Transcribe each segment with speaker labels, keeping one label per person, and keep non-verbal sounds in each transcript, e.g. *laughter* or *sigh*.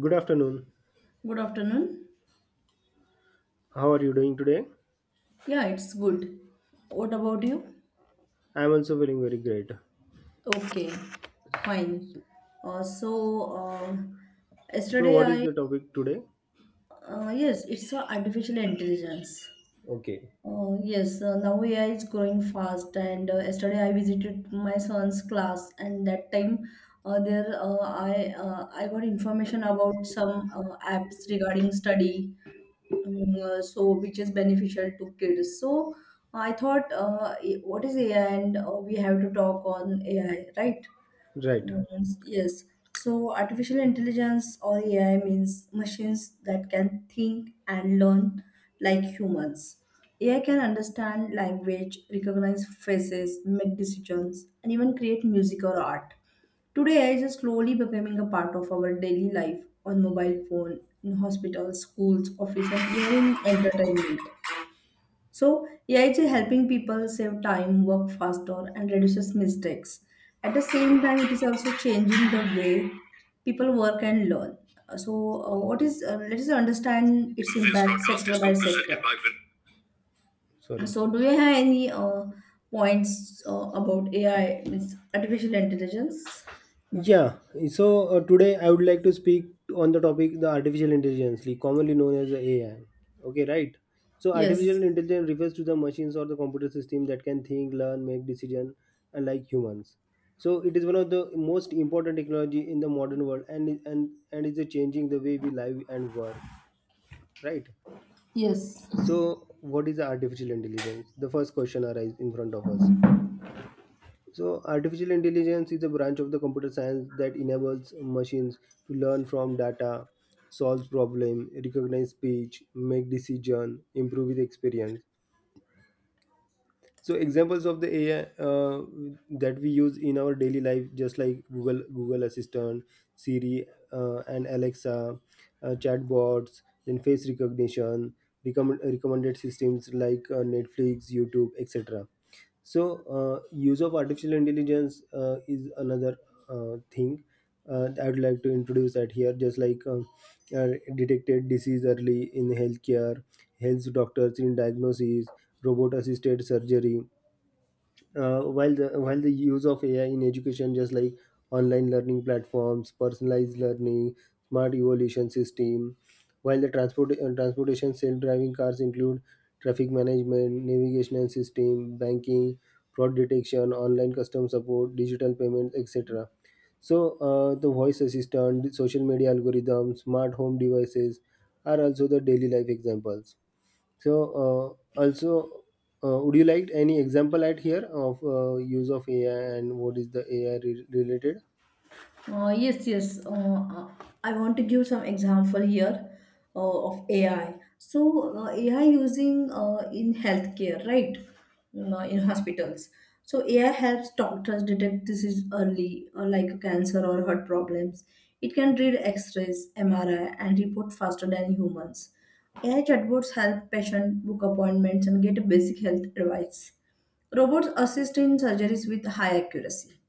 Speaker 1: Good afternoon.
Speaker 2: Good afternoon.
Speaker 1: How are you doing today?
Speaker 2: Yeah, it's good. What about you?
Speaker 1: I am also feeling very great.
Speaker 2: Okay, fine. Uh, so, uh,
Speaker 1: So,
Speaker 2: yesterday
Speaker 1: what is
Speaker 2: I,
Speaker 1: the topic today?
Speaker 2: yes, it's artificial intelligence.
Speaker 1: Okay.
Speaker 2: Yes, now AI is growing fast, and yesterday I visited my son's class, and that time, there I got information about some apps regarding study. So which is beneficial to kids. So I thought, what is AI, and we have to talk on AI, right?
Speaker 1: Right.
Speaker 2: Mm. Yes. So artificial intelligence or AI means machines that can think and learn like humans. AI can understand language, recognize faces, make decisions, and even create music or art. Today, AI is slowly becoming a part of our daily life on mobile phone, in hospitals, schools, office, and even in entertainment. So, AI is helping people save time, work faster, and reduces mistakes. At the same time, it is also changing the way people work and learn. So, what is let us understand its
Speaker 1: This
Speaker 2: impact
Speaker 1: broadcast
Speaker 2: sector
Speaker 1: is
Speaker 2: by sector.
Speaker 1: co-presented by Vin. Sorry.
Speaker 2: So, do you have any points about AI, means artificial intelligence?
Speaker 1: Yeah. So today I would like to speak on the topic the artificial intelligence, like commonly known as the AI. Okay, right. So
Speaker 2: Yes.
Speaker 1: artificial intelligence refers to the machines or the computer system that can think, learn, make decision, unlike humans. So it is one of the most important technology in the modern world, and is changing the way we live and work. Right.
Speaker 2: Yes.
Speaker 1: So what is artificial intelligence? The first question arises in front of us. So artificial intelligence is a branch of the computer science that enables machines to learn from data, solve problem, recognize speech, make decision, improve with experience. So examples of the AI uh, that we use in our daily life, just like Google Assistant, Siri, and Alexa, chatbots, then face recognition, recommended systems like Netflix, YouTube, etc. So use of artificial intelligence is another thing. I would like to introduce that here, just like uh, detected disease early in healthcare, health doctors in diagnosis, robot assisted surgery. While the use of AI in education, just like online learning platforms, personalized learning, smart evolution system. While the transportation, self-driving cars include traffic management, navigation system, banking, fraud detection, online customer support, digital payments, etc. So the voice assistant, the social media algorithms, smart home devices are also the daily life examples. So also, would you like any example at here of use of AI, and what is the AI related?
Speaker 2: Yes, yes. Uh, I want to give some example here uh, of AI. So AI using in healthcare, right? In hospitals. So AI helps doctors detect disease early, like cancer or heart problems. It can read X-rays, MRI, and report faster than humans. AI chatbots help patients book appointments and get basic health advice. Robots assist in surgeries with high accuracy.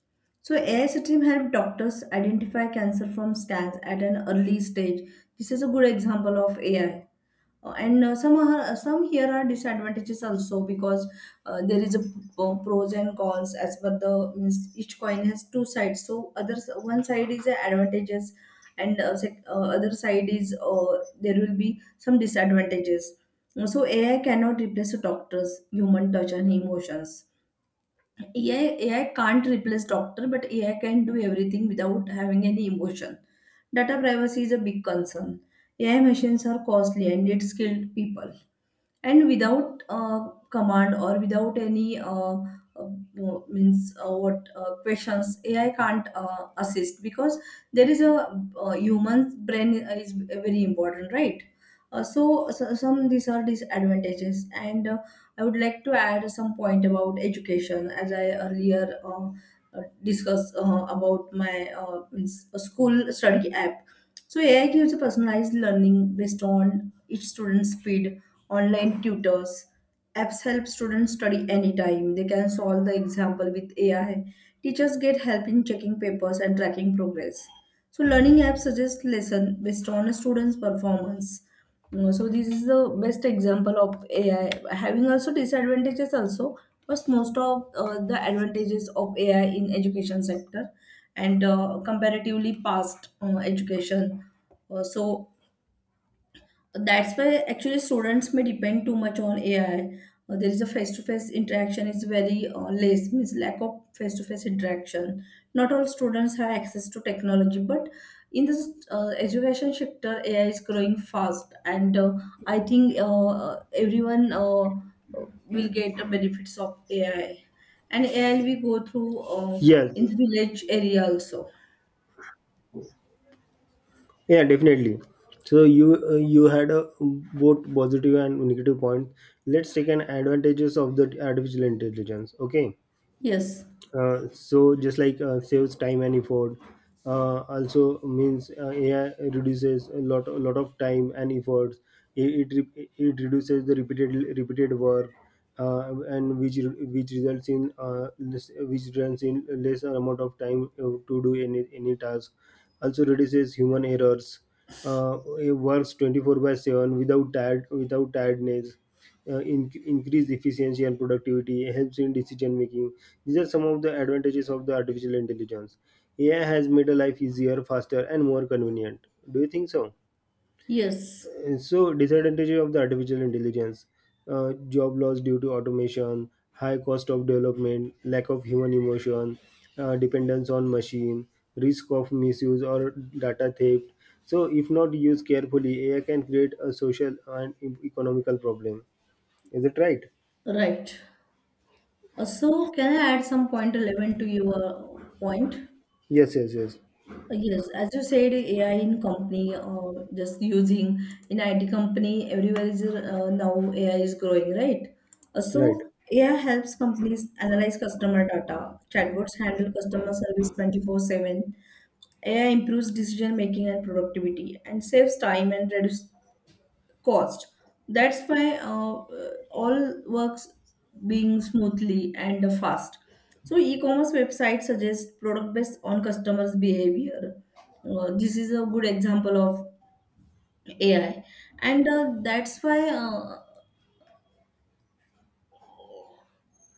Speaker 2: So AI system help doctors identify cancer from scans at an early stage. This is a good example of AI. And some here are disadvantages also, because there is pros and cons, as per the means each coin has two sides. So others one side is the advantages, and other side is, there will be some disadvantages. So AI cannot replace a doctor's human touch and emotions. AI can't replace doctor, but AI can do everything without having any emotion. Data privacy is a big concern. AI machines are costly and need skilled people, and without command, or without any uh, means what questions AI can't assist, because there is a human's brain is very important, right. So some these are disadvantages, and I would like to add some point about education, as I earlier discussed about my means, school study app. So AI gives a personalized learning based on each student's speed. Online tutors, apps help students study anytime. They can solve the example with AI. Teachers get help in checking papers and tracking progress. So learning apps suggest lesson based on a student's performance. So this is the best example of AI having also disadvantages also, but most of the advantages of AI in education sector and comparatively past education. So that's why actually students may depend too much on AI. There is a face-to-face interaction is very less, means lack of face-to-face interaction. Not all students have access to technology, but in this education sector AI is growing fast, and I think everyone uh, will get the benefits of AI. And AI we go through uh,
Speaker 1: Yes.
Speaker 2: in village area also.
Speaker 1: Yeah, definitely. So you had a both positive and negative point. Let's take an advantages of the artificial intelligence. Okay.
Speaker 2: Yes,
Speaker 1: So just like saves time and effort, also means AI reduces a lot of time and efforts. It reduces the repeated work, and which results in which results in lesser amount of time to do any task. Also reduces human errors. It works 24 by 7 without tiredness, increase efficiency and productivity, helps in decision making. These are some of the advantages of the artificial intelligence. AI has made a life easier, faster, and more convenient. Do you think so?
Speaker 2: yes,
Speaker 1: So, disadvantages of the artificial intelligence: job loss due to automation, high cost of development, lack of human emotion, dependence on machine, risk of misuse or data theft. So, if not used carefully, AI can create a social and economical problem. Is it right?
Speaker 2: right. Can I add some point relevant to your point?
Speaker 1: Yes, yes, yes.
Speaker 2: Yes, as you said, AI in company, just using in IT company, everywhere is. Now AI is growing, right?
Speaker 1: Right.
Speaker 2: AI helps companies analyze customer data. Chatbots handle customer service 24/7. AI improves decision making and productivity, and saves time and reduces cost. That's why all works being smoothly and fast. So e-commerce websites suggest product based on customers' behavior. This is a good example of AI, and that's why.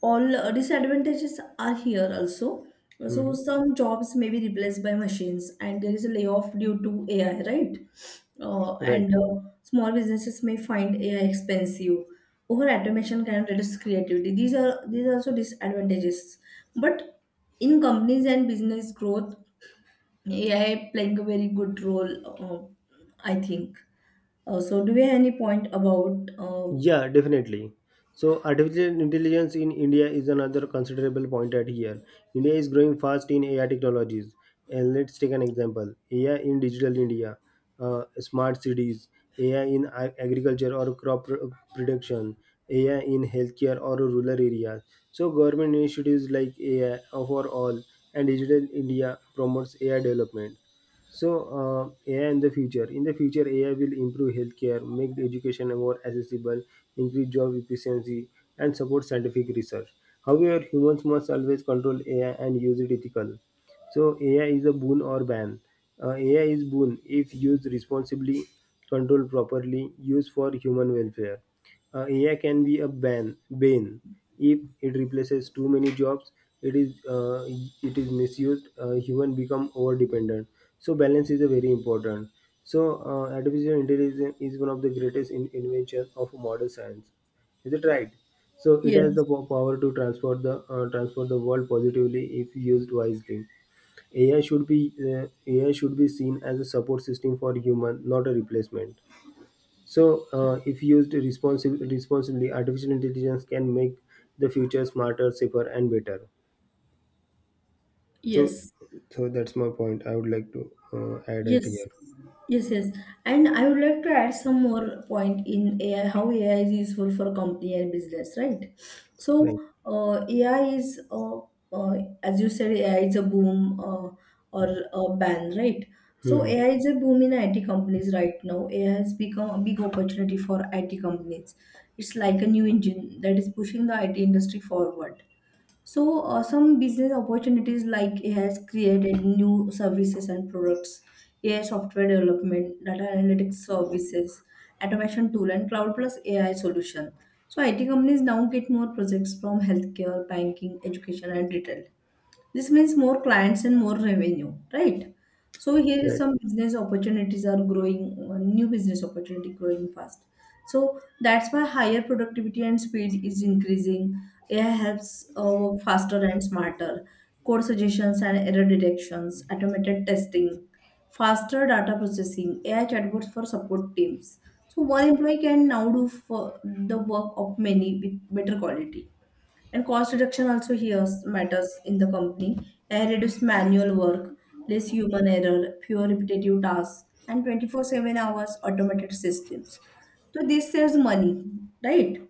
Speaker 2: All disadvantages are here also. So
Speaker 1: Mhm.
Speaker 2: some jobs may be replaced by machines, and there is a layoff due to AI, right?
Speaker 1: Right.
Speaker 2: And small businesses may find AI expensive. Over automation can reduce creativity. These are also disadvantages. But in companies and business growth, AI playing a very good role, I think. So do we have any point about?
Speaker 1: Yeah, definitely. So, artificial intelligence in India is another considerable point at here. India is growing fast in AI technologies. And let's take an example: AI in digital India, smart cities, AI in agriculture or crop production, AI in healthcare or rural areas. So, government initiatives like AI for all and Digital India promotes AI development. So, AI in the future. In the future, AI will improve healthcare, make education more accessible, increase job efficiency, and support scientific research. However, humans must always control AI and use it ethically. So, AI is a boon or ban. AI is boon if used responsibly, controlled properly, used for human welfare. AI can be a bane if it replaces too many jobs. It is uh, it is misused. Human become over dependent. So balance is a very important. So artificial intelligence is one of the greatest invention of modern science. Is it right? So it has the
Speaker 2: Yes,
Speaker 1: power to transport the world positively if used wisely. AI should be uh, AI should be seen as a support system for human, not a replacement. So, if used responsibly, artificial intelligence can make the future smarter, safer, and better. So,
Speaker 2: yes.
Speaker 1: so that's my point. I would like to add it here.
Speaker 2: Yes, yes, yes. And I would like to add some more point in AI, how AI is useful for company and business, right?
Speaker 1: Right.
Speaker 2: So, uh, AI is, uh, uh, as you said, AI is a boom or a ban, right? So,
Speaker 1: Hmm.
Speaker 2: AI is a boom in IT companies right now. AI has become a big opportunity for IT companies. It's like a new engine that is pushing the IT industry forward. So, some business opportunities, like it has created new services and products, AI software development, data analytics services, automation tool, and cloud plus AI solution. So, IT companies now get more projects from healthcare, banking, education, and retail. This means more clients and more revenue, right? So here is
Speaker 1: Right.
Speaker 2: some business opportunities are growing, new business opportunity growing fast. So that's why higher productivity and speed is increasing. AI helps work faster and smarter. Code suggestions and error detections, automated testing, faster data processing, AI chatbots for support teams. So one employee can now do for the work of many with better quality. And cost reduction also here matters in the company. AI reduces manual work, less human error, fewer repetitive tasks, and 24/7 hours automated systems. So this saves money, right?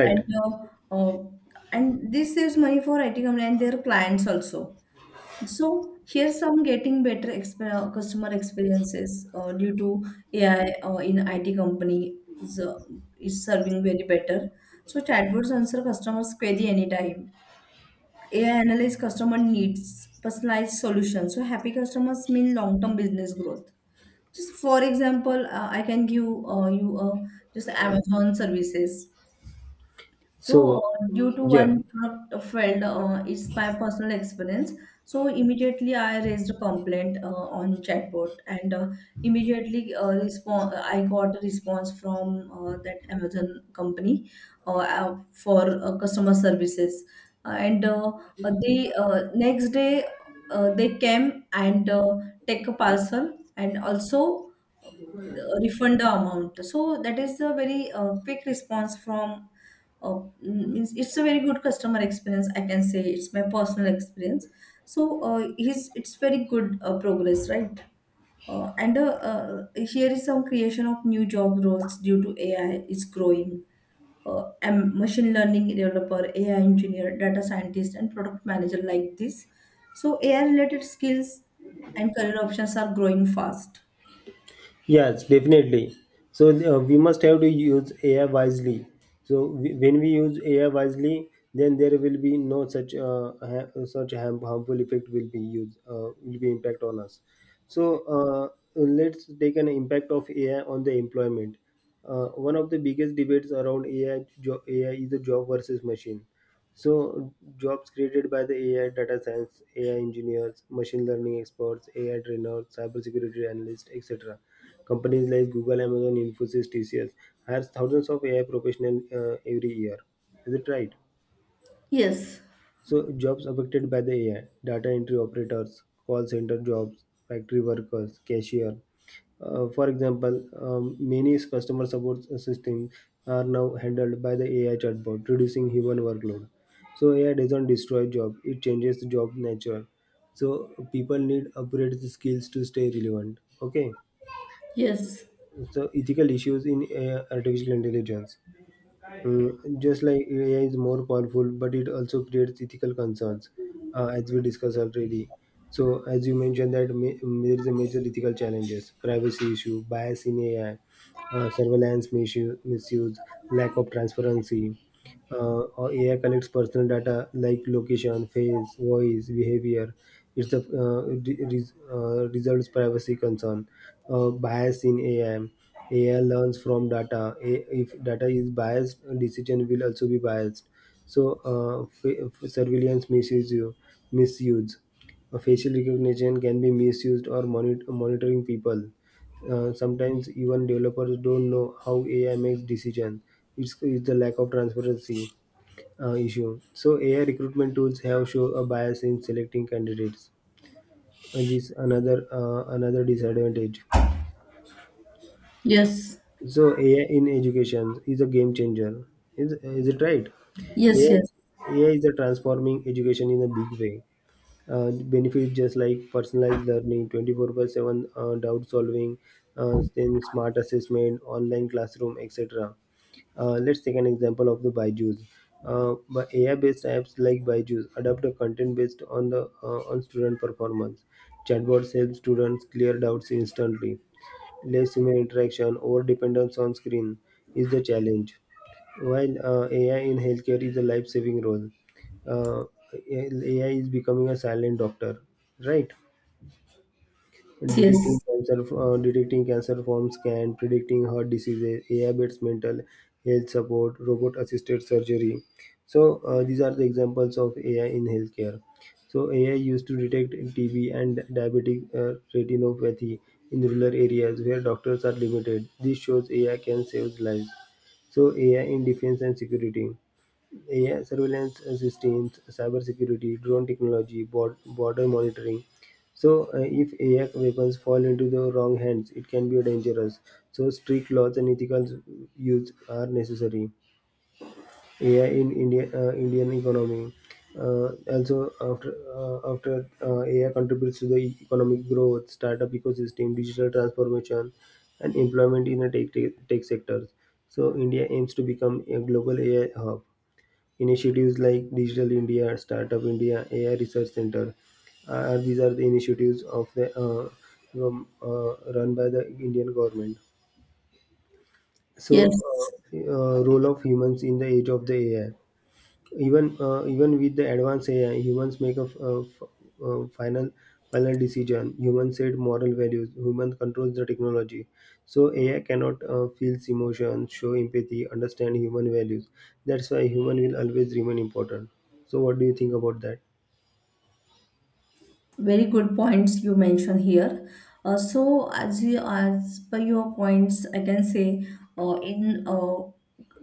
Speaker 2: And uh, uh, and this saves money for IT company and their clients also. So here's some getting better customer experiences due to AI in IT company is serving very better. So chatbots answer customers' query anytime. AI analyze customer needs, personalized solutions. So happy customers mean long-term business growth. Just for example, I can give you just Amazon services.
Speaker 1: So,
Speaker 2: Due to
Speaker 1: yeah.
Speaker 2: one product failed, it's my personal experience. So, immediately I raised a complaint on chatbot, and immediately, response I got a response from that Amazon company for customer services, and they next day they came and take a parcel and also uh, refund the amount. So that is a very quick response from, means it's a very good customer experience, I can say. It's my personal experience. His it's very good progress, right. And Here is some creation of new job roles due to AI is growing. And machine learning developer, AI engineer, data scientist, and product manager, like this. So AI related skills and career options are growing fast.
Speaker 1: Yes, definitely. So we must have to use AI wisely. So when we use AI wisely, then there will be no such harmful effect will be impact on us. So let's take an impact of AI on the employment. One of the biggest debates around AI is the job versus machine. So jobs created by the AI, data science, AI engineers, machine learning experts, AI trainers, cybersecurity analysts, etc. Companies like Google, Amazon, Infosys, TCS hires thousands of AI professionals every year. Is it right?
Speaker 2: Yes,
Speaker 1: So jobs affected by the AI, data entry operators, call center jobs, factory workers, cashier. For example, many customer support systems are now handled by the AI chatbot, reducing human workload. So AI doesn't destroy job; it changes the job nature. So people need upgrade the skills to stay relevant. Okay.
Speaker 2: yes,
Speaker 1: So ethical issues in AI, artificial intelligence. Just like AI is more powerful, but it also creates ethical concerns, as we discussed already. So, as you mentioned, that there is a major ethical challenges: privacy issue, bias in AI, surveillance misuse, lack of transparency. Or AI collects personal data like location, face, voice, behavior. It's the results privacy concern, bias in AI. AI learns from data. If data is biased, decision will also be biased. So, surveillance misuse. A facial recognition can be misused or monitoring people. Sometimes even developers don't know how AI makes decisions. It's the lack of transparency issue. So AI recruitment tools have shown a bias in selecting candidates. And this another another disadvantage.
Speaker 2: yes,
Speaker 1: So AI in education is a game changer. Is it right?
Speaker 2: yes,
Speaker 1: AI
Speaker 2: yes,
Speaker 1: is, AI is a transforming education in a big way, benefits just like personalized learning, 24 by 7 doubt solving, then smart assessment, online classroom, etc. Let's take an example of the Byju's. But AI-based apps like Byju's adapt a content based on student performance. Chatbots help students clear doubts instantly. Less human interaction, over dependence on screen is the challenge. While AI in healthcare is a life-saving role, uh, AI is becoming a silent doctor, right?
Speaker 2: yes,
Speaker 1: Detecting cancer forms can, predicting heart diseases, AI-based mental health support, robot-assisted surgery. So these are the examples of AI in healthcare. So AI used to detect TB and diabetic retinopathy in rural areas where doctors are limited. This shows AI can save lives. So AI in defense and security. AI surveillance systems, cybersecurity, drone technology, border monitoring. So, if AI weapons fall into the wrong hands, it can be dangerous. So, strict laws and ethical use are necessary. AI in India, Indian economy. Uh, Also, after after AI contributes to the economic growth, startup ecosystem, digital transformation, and employment in the tech sectors. So, India aims to become a global AI hub. Initiatives like Digital India, Startup India, AI Research Center, are these are the initiatives of the run by the Indian government. So,
Speaker 2: yes.
Speaker 1: role of humans in the age of the AI. Even with the advanced AI, humans make a final decision. Humans set moral values. Human controls the technology. So AI cannot feel emotions, show empathy, understand human values. That's why human will always remain important. So what do you think about that?
Speaker 2: Very good points you mentioned here. As per your points, I can say, in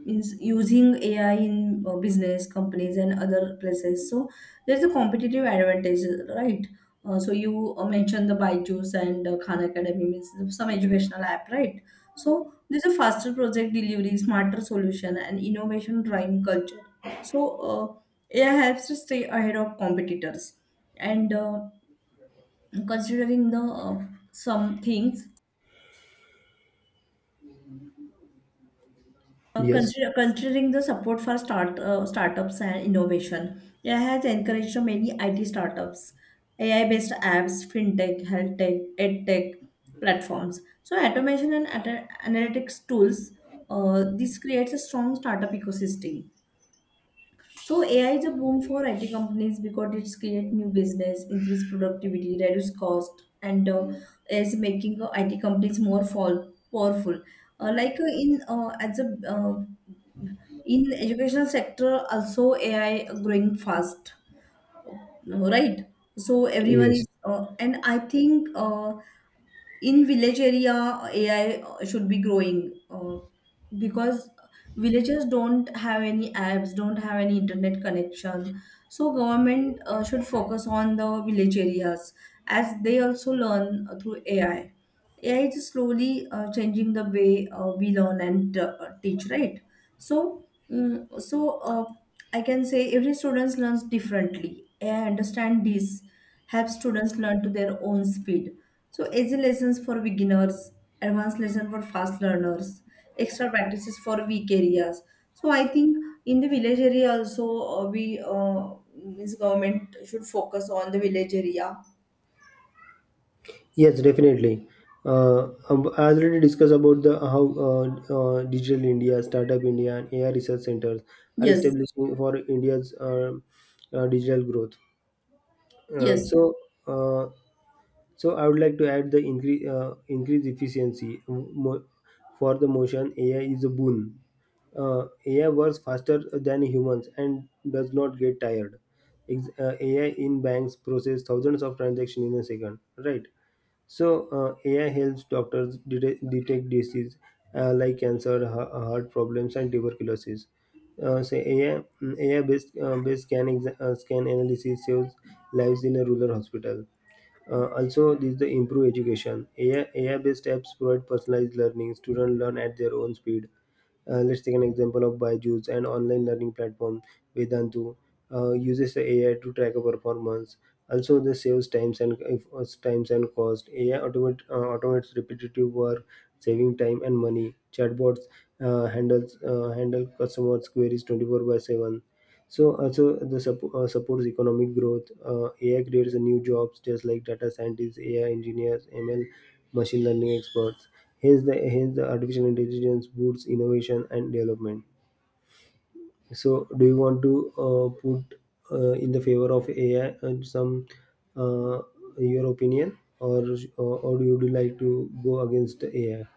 Speaker 2: means using AI in business companies and other places. So there's a competitive advantage, right? So you mentioned the Byju's and Khan Academy, means some educational app, right? So there's a faster project delivery, smarter solution, and innovation driving culture. So AI helps to stay ahead of competitors and. Considering the some things,
Speaker 1: Yes.
Speaker 2: considering the support for startups and innovation, AI has encouraged so many IT startups, AI based apps, fintech, health tech, edtech platforms, so automation and analytics tools. This creates a strong startup ecosystem. So AI is a boom for IT companies because it's create new business, increase productivity, reduce cost, and is making IT companies more powerful. Like in as a uh, in educational sector also AI growing fast, uh, right? So everyone
Speaker 1: Yes.
Speaker 2: is, and I think in village area AI should be growing, because villagers don't have any apps, don't have any internet connection. So government should focus on the village areas as they also learn through AI. AI is slowly changing the way we learn and teach, right. So mm so uh, I can say every student learns differently. I understand this helps students learn to their own speed. So easy lessons for beginners, advanced lesson for fast learners, extra practices for weak areas. So I think in the village area also, we means government should focus on the village area.
Speaker 1: Yes, definitely. I already discussed about the how Digital India, Startup India, and AI research centers are
Speaker 2: Yes,
Speaker 1: establishing for India's digital growth. Uh,
Speaker 2: yes,
Speaker 1: so, uh, so I would like to add the increase efficiency, for the motion. AI is a boon. AI works faster than humans and does not get tired. AI in banks process thousands of transactions in a second, right? So AI helps doctors detect disease like cancer, heart problems, and tuberculosis. So AI, AI based scan analysis saves lives in a rural hospital. Also, this is the improve education. AI based apps provide personalized learning. Students learn at their own speed. Let's take an example of Byju's, an online learning platform. Vedantu uses the AI to track a performance. Also, this saves times and if, times and cost. AI automates repetitive work, saving time and money. Chatbots handle customers' queries 24 by 7. So also the supports economic growth. AI creates a new jobs, just like data scientists, AI engineers, ML, machine learning experts. Hence the artificial intelligence boosts innovation and development. So do you want to put in the favor of AI and some uh, your opinion, or do you like to go against the AI?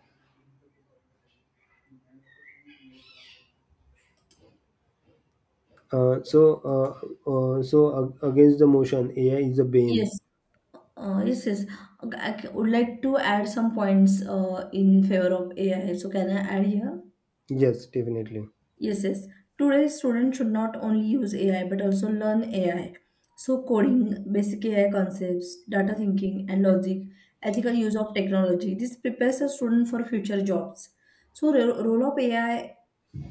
Speaker 1: Uh, so uh, uh, so against the motion, AI is a bane.
Speaker 2: yes. Yes, yes. Okay, would like to add some points in favor of AI. So can I add here?
Speaker 1: Yes, definitely.
Speaker 2: Yes, yes. Today's students should not only use AI but also learn AI. So, coding, basic AI concepts, data thinking and logic, ethical use of technology. This prepares a student for future jobs. So, role of AI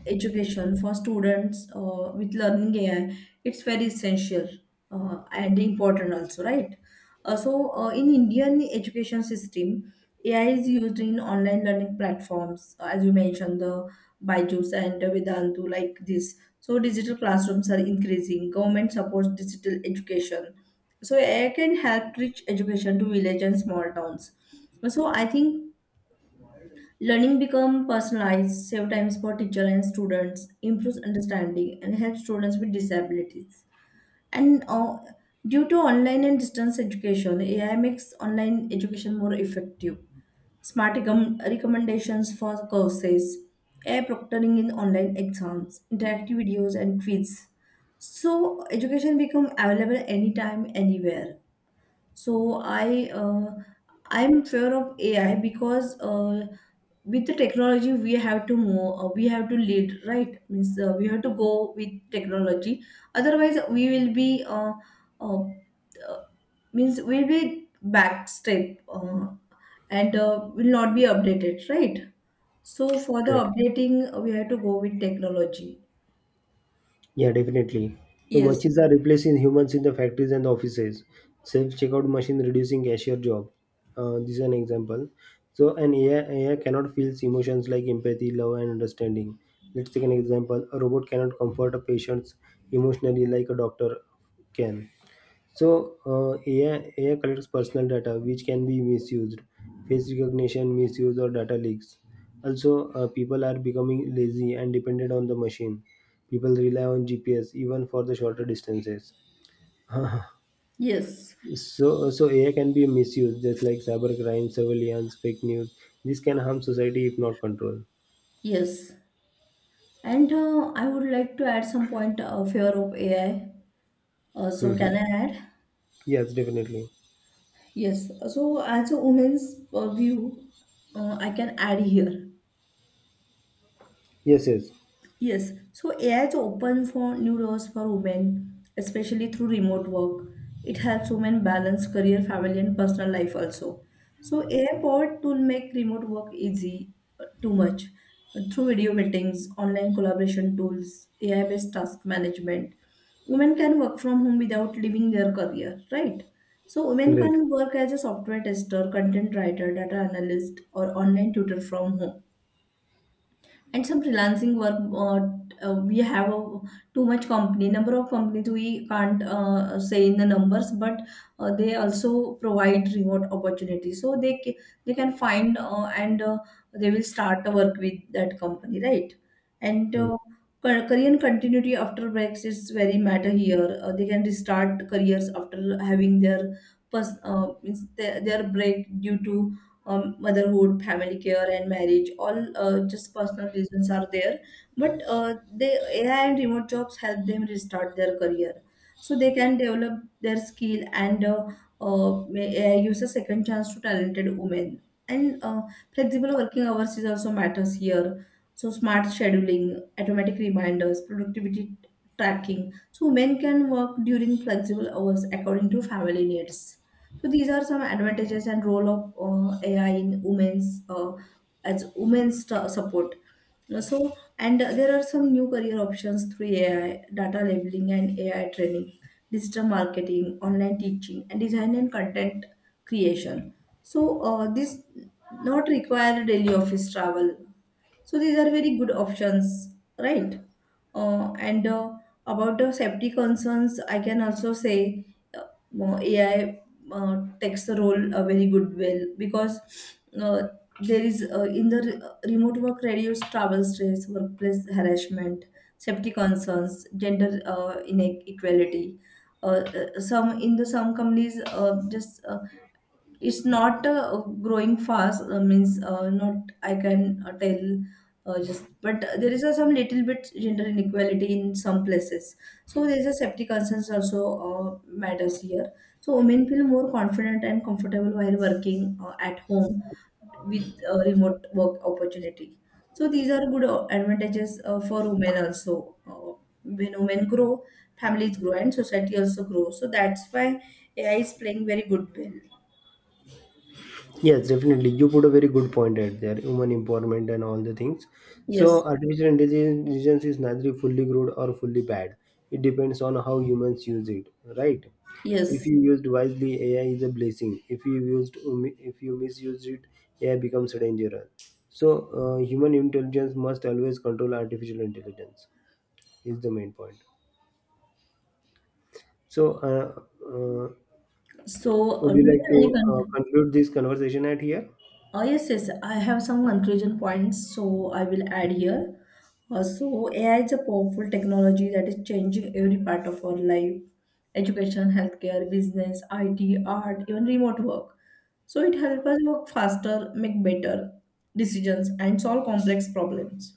Speaker 2: education for students with learning AI, it's very essential and important also, right? In Indian education system, AI is used in online learning platforms, as you mentioned, the Byju's and the Vedantu like this. So digital classrooms are increasing. Government supports digital education. So AI can help reach education to village and small towns. So I think learning become personalized, save times for teacher and students, improves understanding, and helps students with disabilities. And Due to online and distance education, AI makes online education more effective. Smart recommendations for courses, AI proctoring in online exams, interactive videos and quiz. So education become available anytime, anywhere. So I uh, I'm fear of AI because with the technology we have to move, we have to lead, right? Means we have to go with technology. Otherwise, uh, uh, we'll be back step and will not be updated, right? So for the
Speaker 1: Right.
Speaker 2: updating, we have to go with technology.
Speaker 1: Yeah, definitely. The
Speaker 2: Yes.
Speaker 1: machines are replacing humans in the factories and offices. Self-checkout machine reducing cashier job. This is an example. So AI cannot feel emotions like empathy, love, and understanding. Let's take an example. A robot cannot comfort a patient emotionally like a doctor can. So, AI collects personal data which can be misused, face recognition, misuse, or data leaks. Also, people are becoming lazy and dependent on the machine. People rely on GPS even for the shorter distances. *laughs*
Speaker 2: Yes.
Speaker 1: So AI can be misused, just like cybercrime, surveillance, fake news. This can harm society if not controlled.
Speaker 2: Yes. And I would like to add some point fear of AI. So
Speaker 1: Mhm.
Speaker 2: can I add?
Speaker 1: Yes, definitely.
Speaker 2: Yes. So as a woman's view, I can add here.
Speaker 1: Yes, yes,
Speaker 2: Yes, so AI is open for new doors for women, especially through remote work. It helps women balance career, family, and personal life also. So AI powered tool make remote work easy, too much. Through video meetings, online collaboration tools, AI-based task management, women can work from home without leaving their career, right? So women
Speaker 1: indeed.
Speaker 2: can work as a software tester, content writer, data analyst, or online tutor from home and some freelancing work we have a, too much company number of companies we can't say in the numbers, but they also provide remote opportunities, so they can find and they will start a work with that company, right? and Career continuity after breaks is very matter here. They can restart careers after having their their break due to motherhood, family care, and marriage, all just personal reasons are there. But They, AI and remote jobs help them restart their career, so they can develop their skill and uh, AI gives a second chance to talented women. And Flexible working hours is also matters here. So smart scheduling, automatic reminders, productivity tracking. So men can work during flexible hours according to family needs. So these are some advantages and role of AI in women's as support. So and there are some new career options through AI, data labeling and AI training, digital marketing, online teaching, and design and content creation. So this not require daily office travel, so these are very good options, right? And About the safety concerns, I can also say uh, well, AI takes the role a very good well because uh, there is remote work reduced travel stress, workplace harassment, safety concerns, gender inequality. Some in the some companies just it's not growing fast means not I can tell just but there is some little bit gender inequality in some places, so there is a safety concerns also matters here, so women feel more confident and comfortable while working at home with remote work opportunity, so these are good advantages for women also. When women grow, families grow and society also grow, so that's why AI is playing very good role.
Speaker 1: Yes, definitely. You put a very good point out there, human empowerment and all the things. So,
Speaker 2: Yes,
Speaker 1: artificial intelligence is neither fully good or fully bad. It depends on how humans use it, right? If
Speaker 2: yes.
Speaker 1: you used wisely, AI is a blessing. If you misuse it, AI becomes dangerous. So, human intelligence must always control artificial intelligence. Is the main point. So, uh,
Speaker 2: So,
Speaker 1: would you
Speaker 2: do you
Speaker 1: like to
Speaker 2: have any
Speaker 1: conclude this conversation at here?
Speaker 2: yes, yes, I have some conclusion points, so I will add here. AI is a powerful technology that is changing every part of our life, education, healthcare, business, IT, art, even remote work. So, it helps us work faster, make better decisions, and solve complex problems.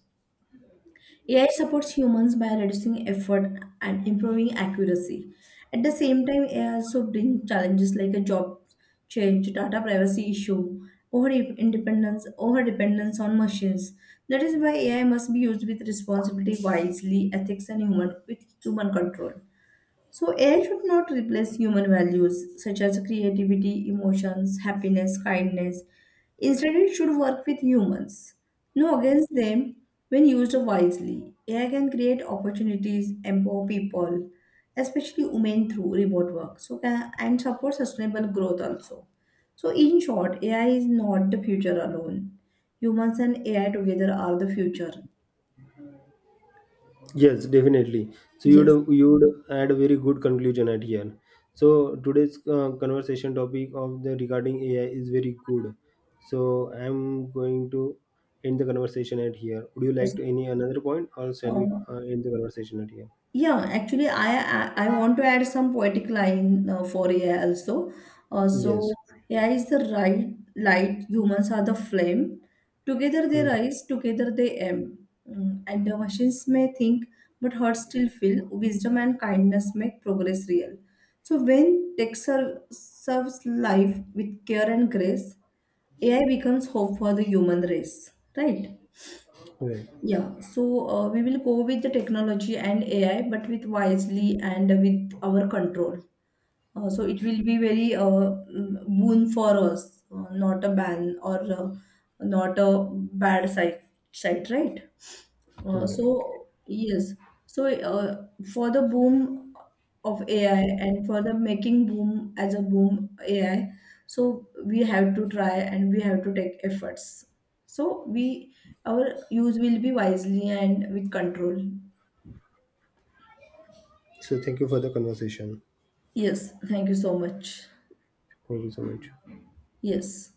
Speaker 2: AI supports humans by reducing effort and improving accuracy. At the same time, AI also brings challenges like a job change, data privacy issue, over independence, over dependence on machines. That is why AI must be used with responsibility, wisely, ethics, and human with human control. So, AI should not replace human values such as creativity, emotions, happiness, kindness. Instead, it should work with humans, no against them. When used wisely, AI can create opportunities, empower people, especially women through remote work, so can, and support sustainable growth also. So, in short, AI is not the future alone. Humans and AI together are the future.
Speaker 1: Yes, definitely. So you'd
Speaker 2: Yes.
Speaker 1: you'd add a very good conclusion at here. So today's conversation topic of the regarding AI is very good. So I'm going to end the conversation at here. Would you like to any another point, or shall we
Speaker 2: Uh,
Speaker 1: end the conversation at here?
Speaker 2: Yeah, actually, I want to add some poetic line for AI also. Uh,
Speaker 1: Yes.
Speaker 2: so AI is the right light, humans are the flame. Together they rise, together they aim. Mm, and the machines may think, but hearts still feel. Wisdom and kindness make progress real. So when tech serves life with care and grace, AI becomes hope for the human race, right?
Speaker 1: Right.
Speaker 2: We will go with the technology and AI, but with wisely and with our control. So it will be very boon for us, not a ban or not a bad side, side, right?
Speaker 1: Mm. Okay.
Speaker 2: So yes, so uh, for the boom of AI and for the making boom as a boom AI, so we have to try and we have to take efforts. So we our use will be wisely and with control.
Speaker 1: So thank you for the conversation.
Speaker 2: Yes, thank you so much.
Speaker 1: Thank you so much.
Speaker 2: Yes.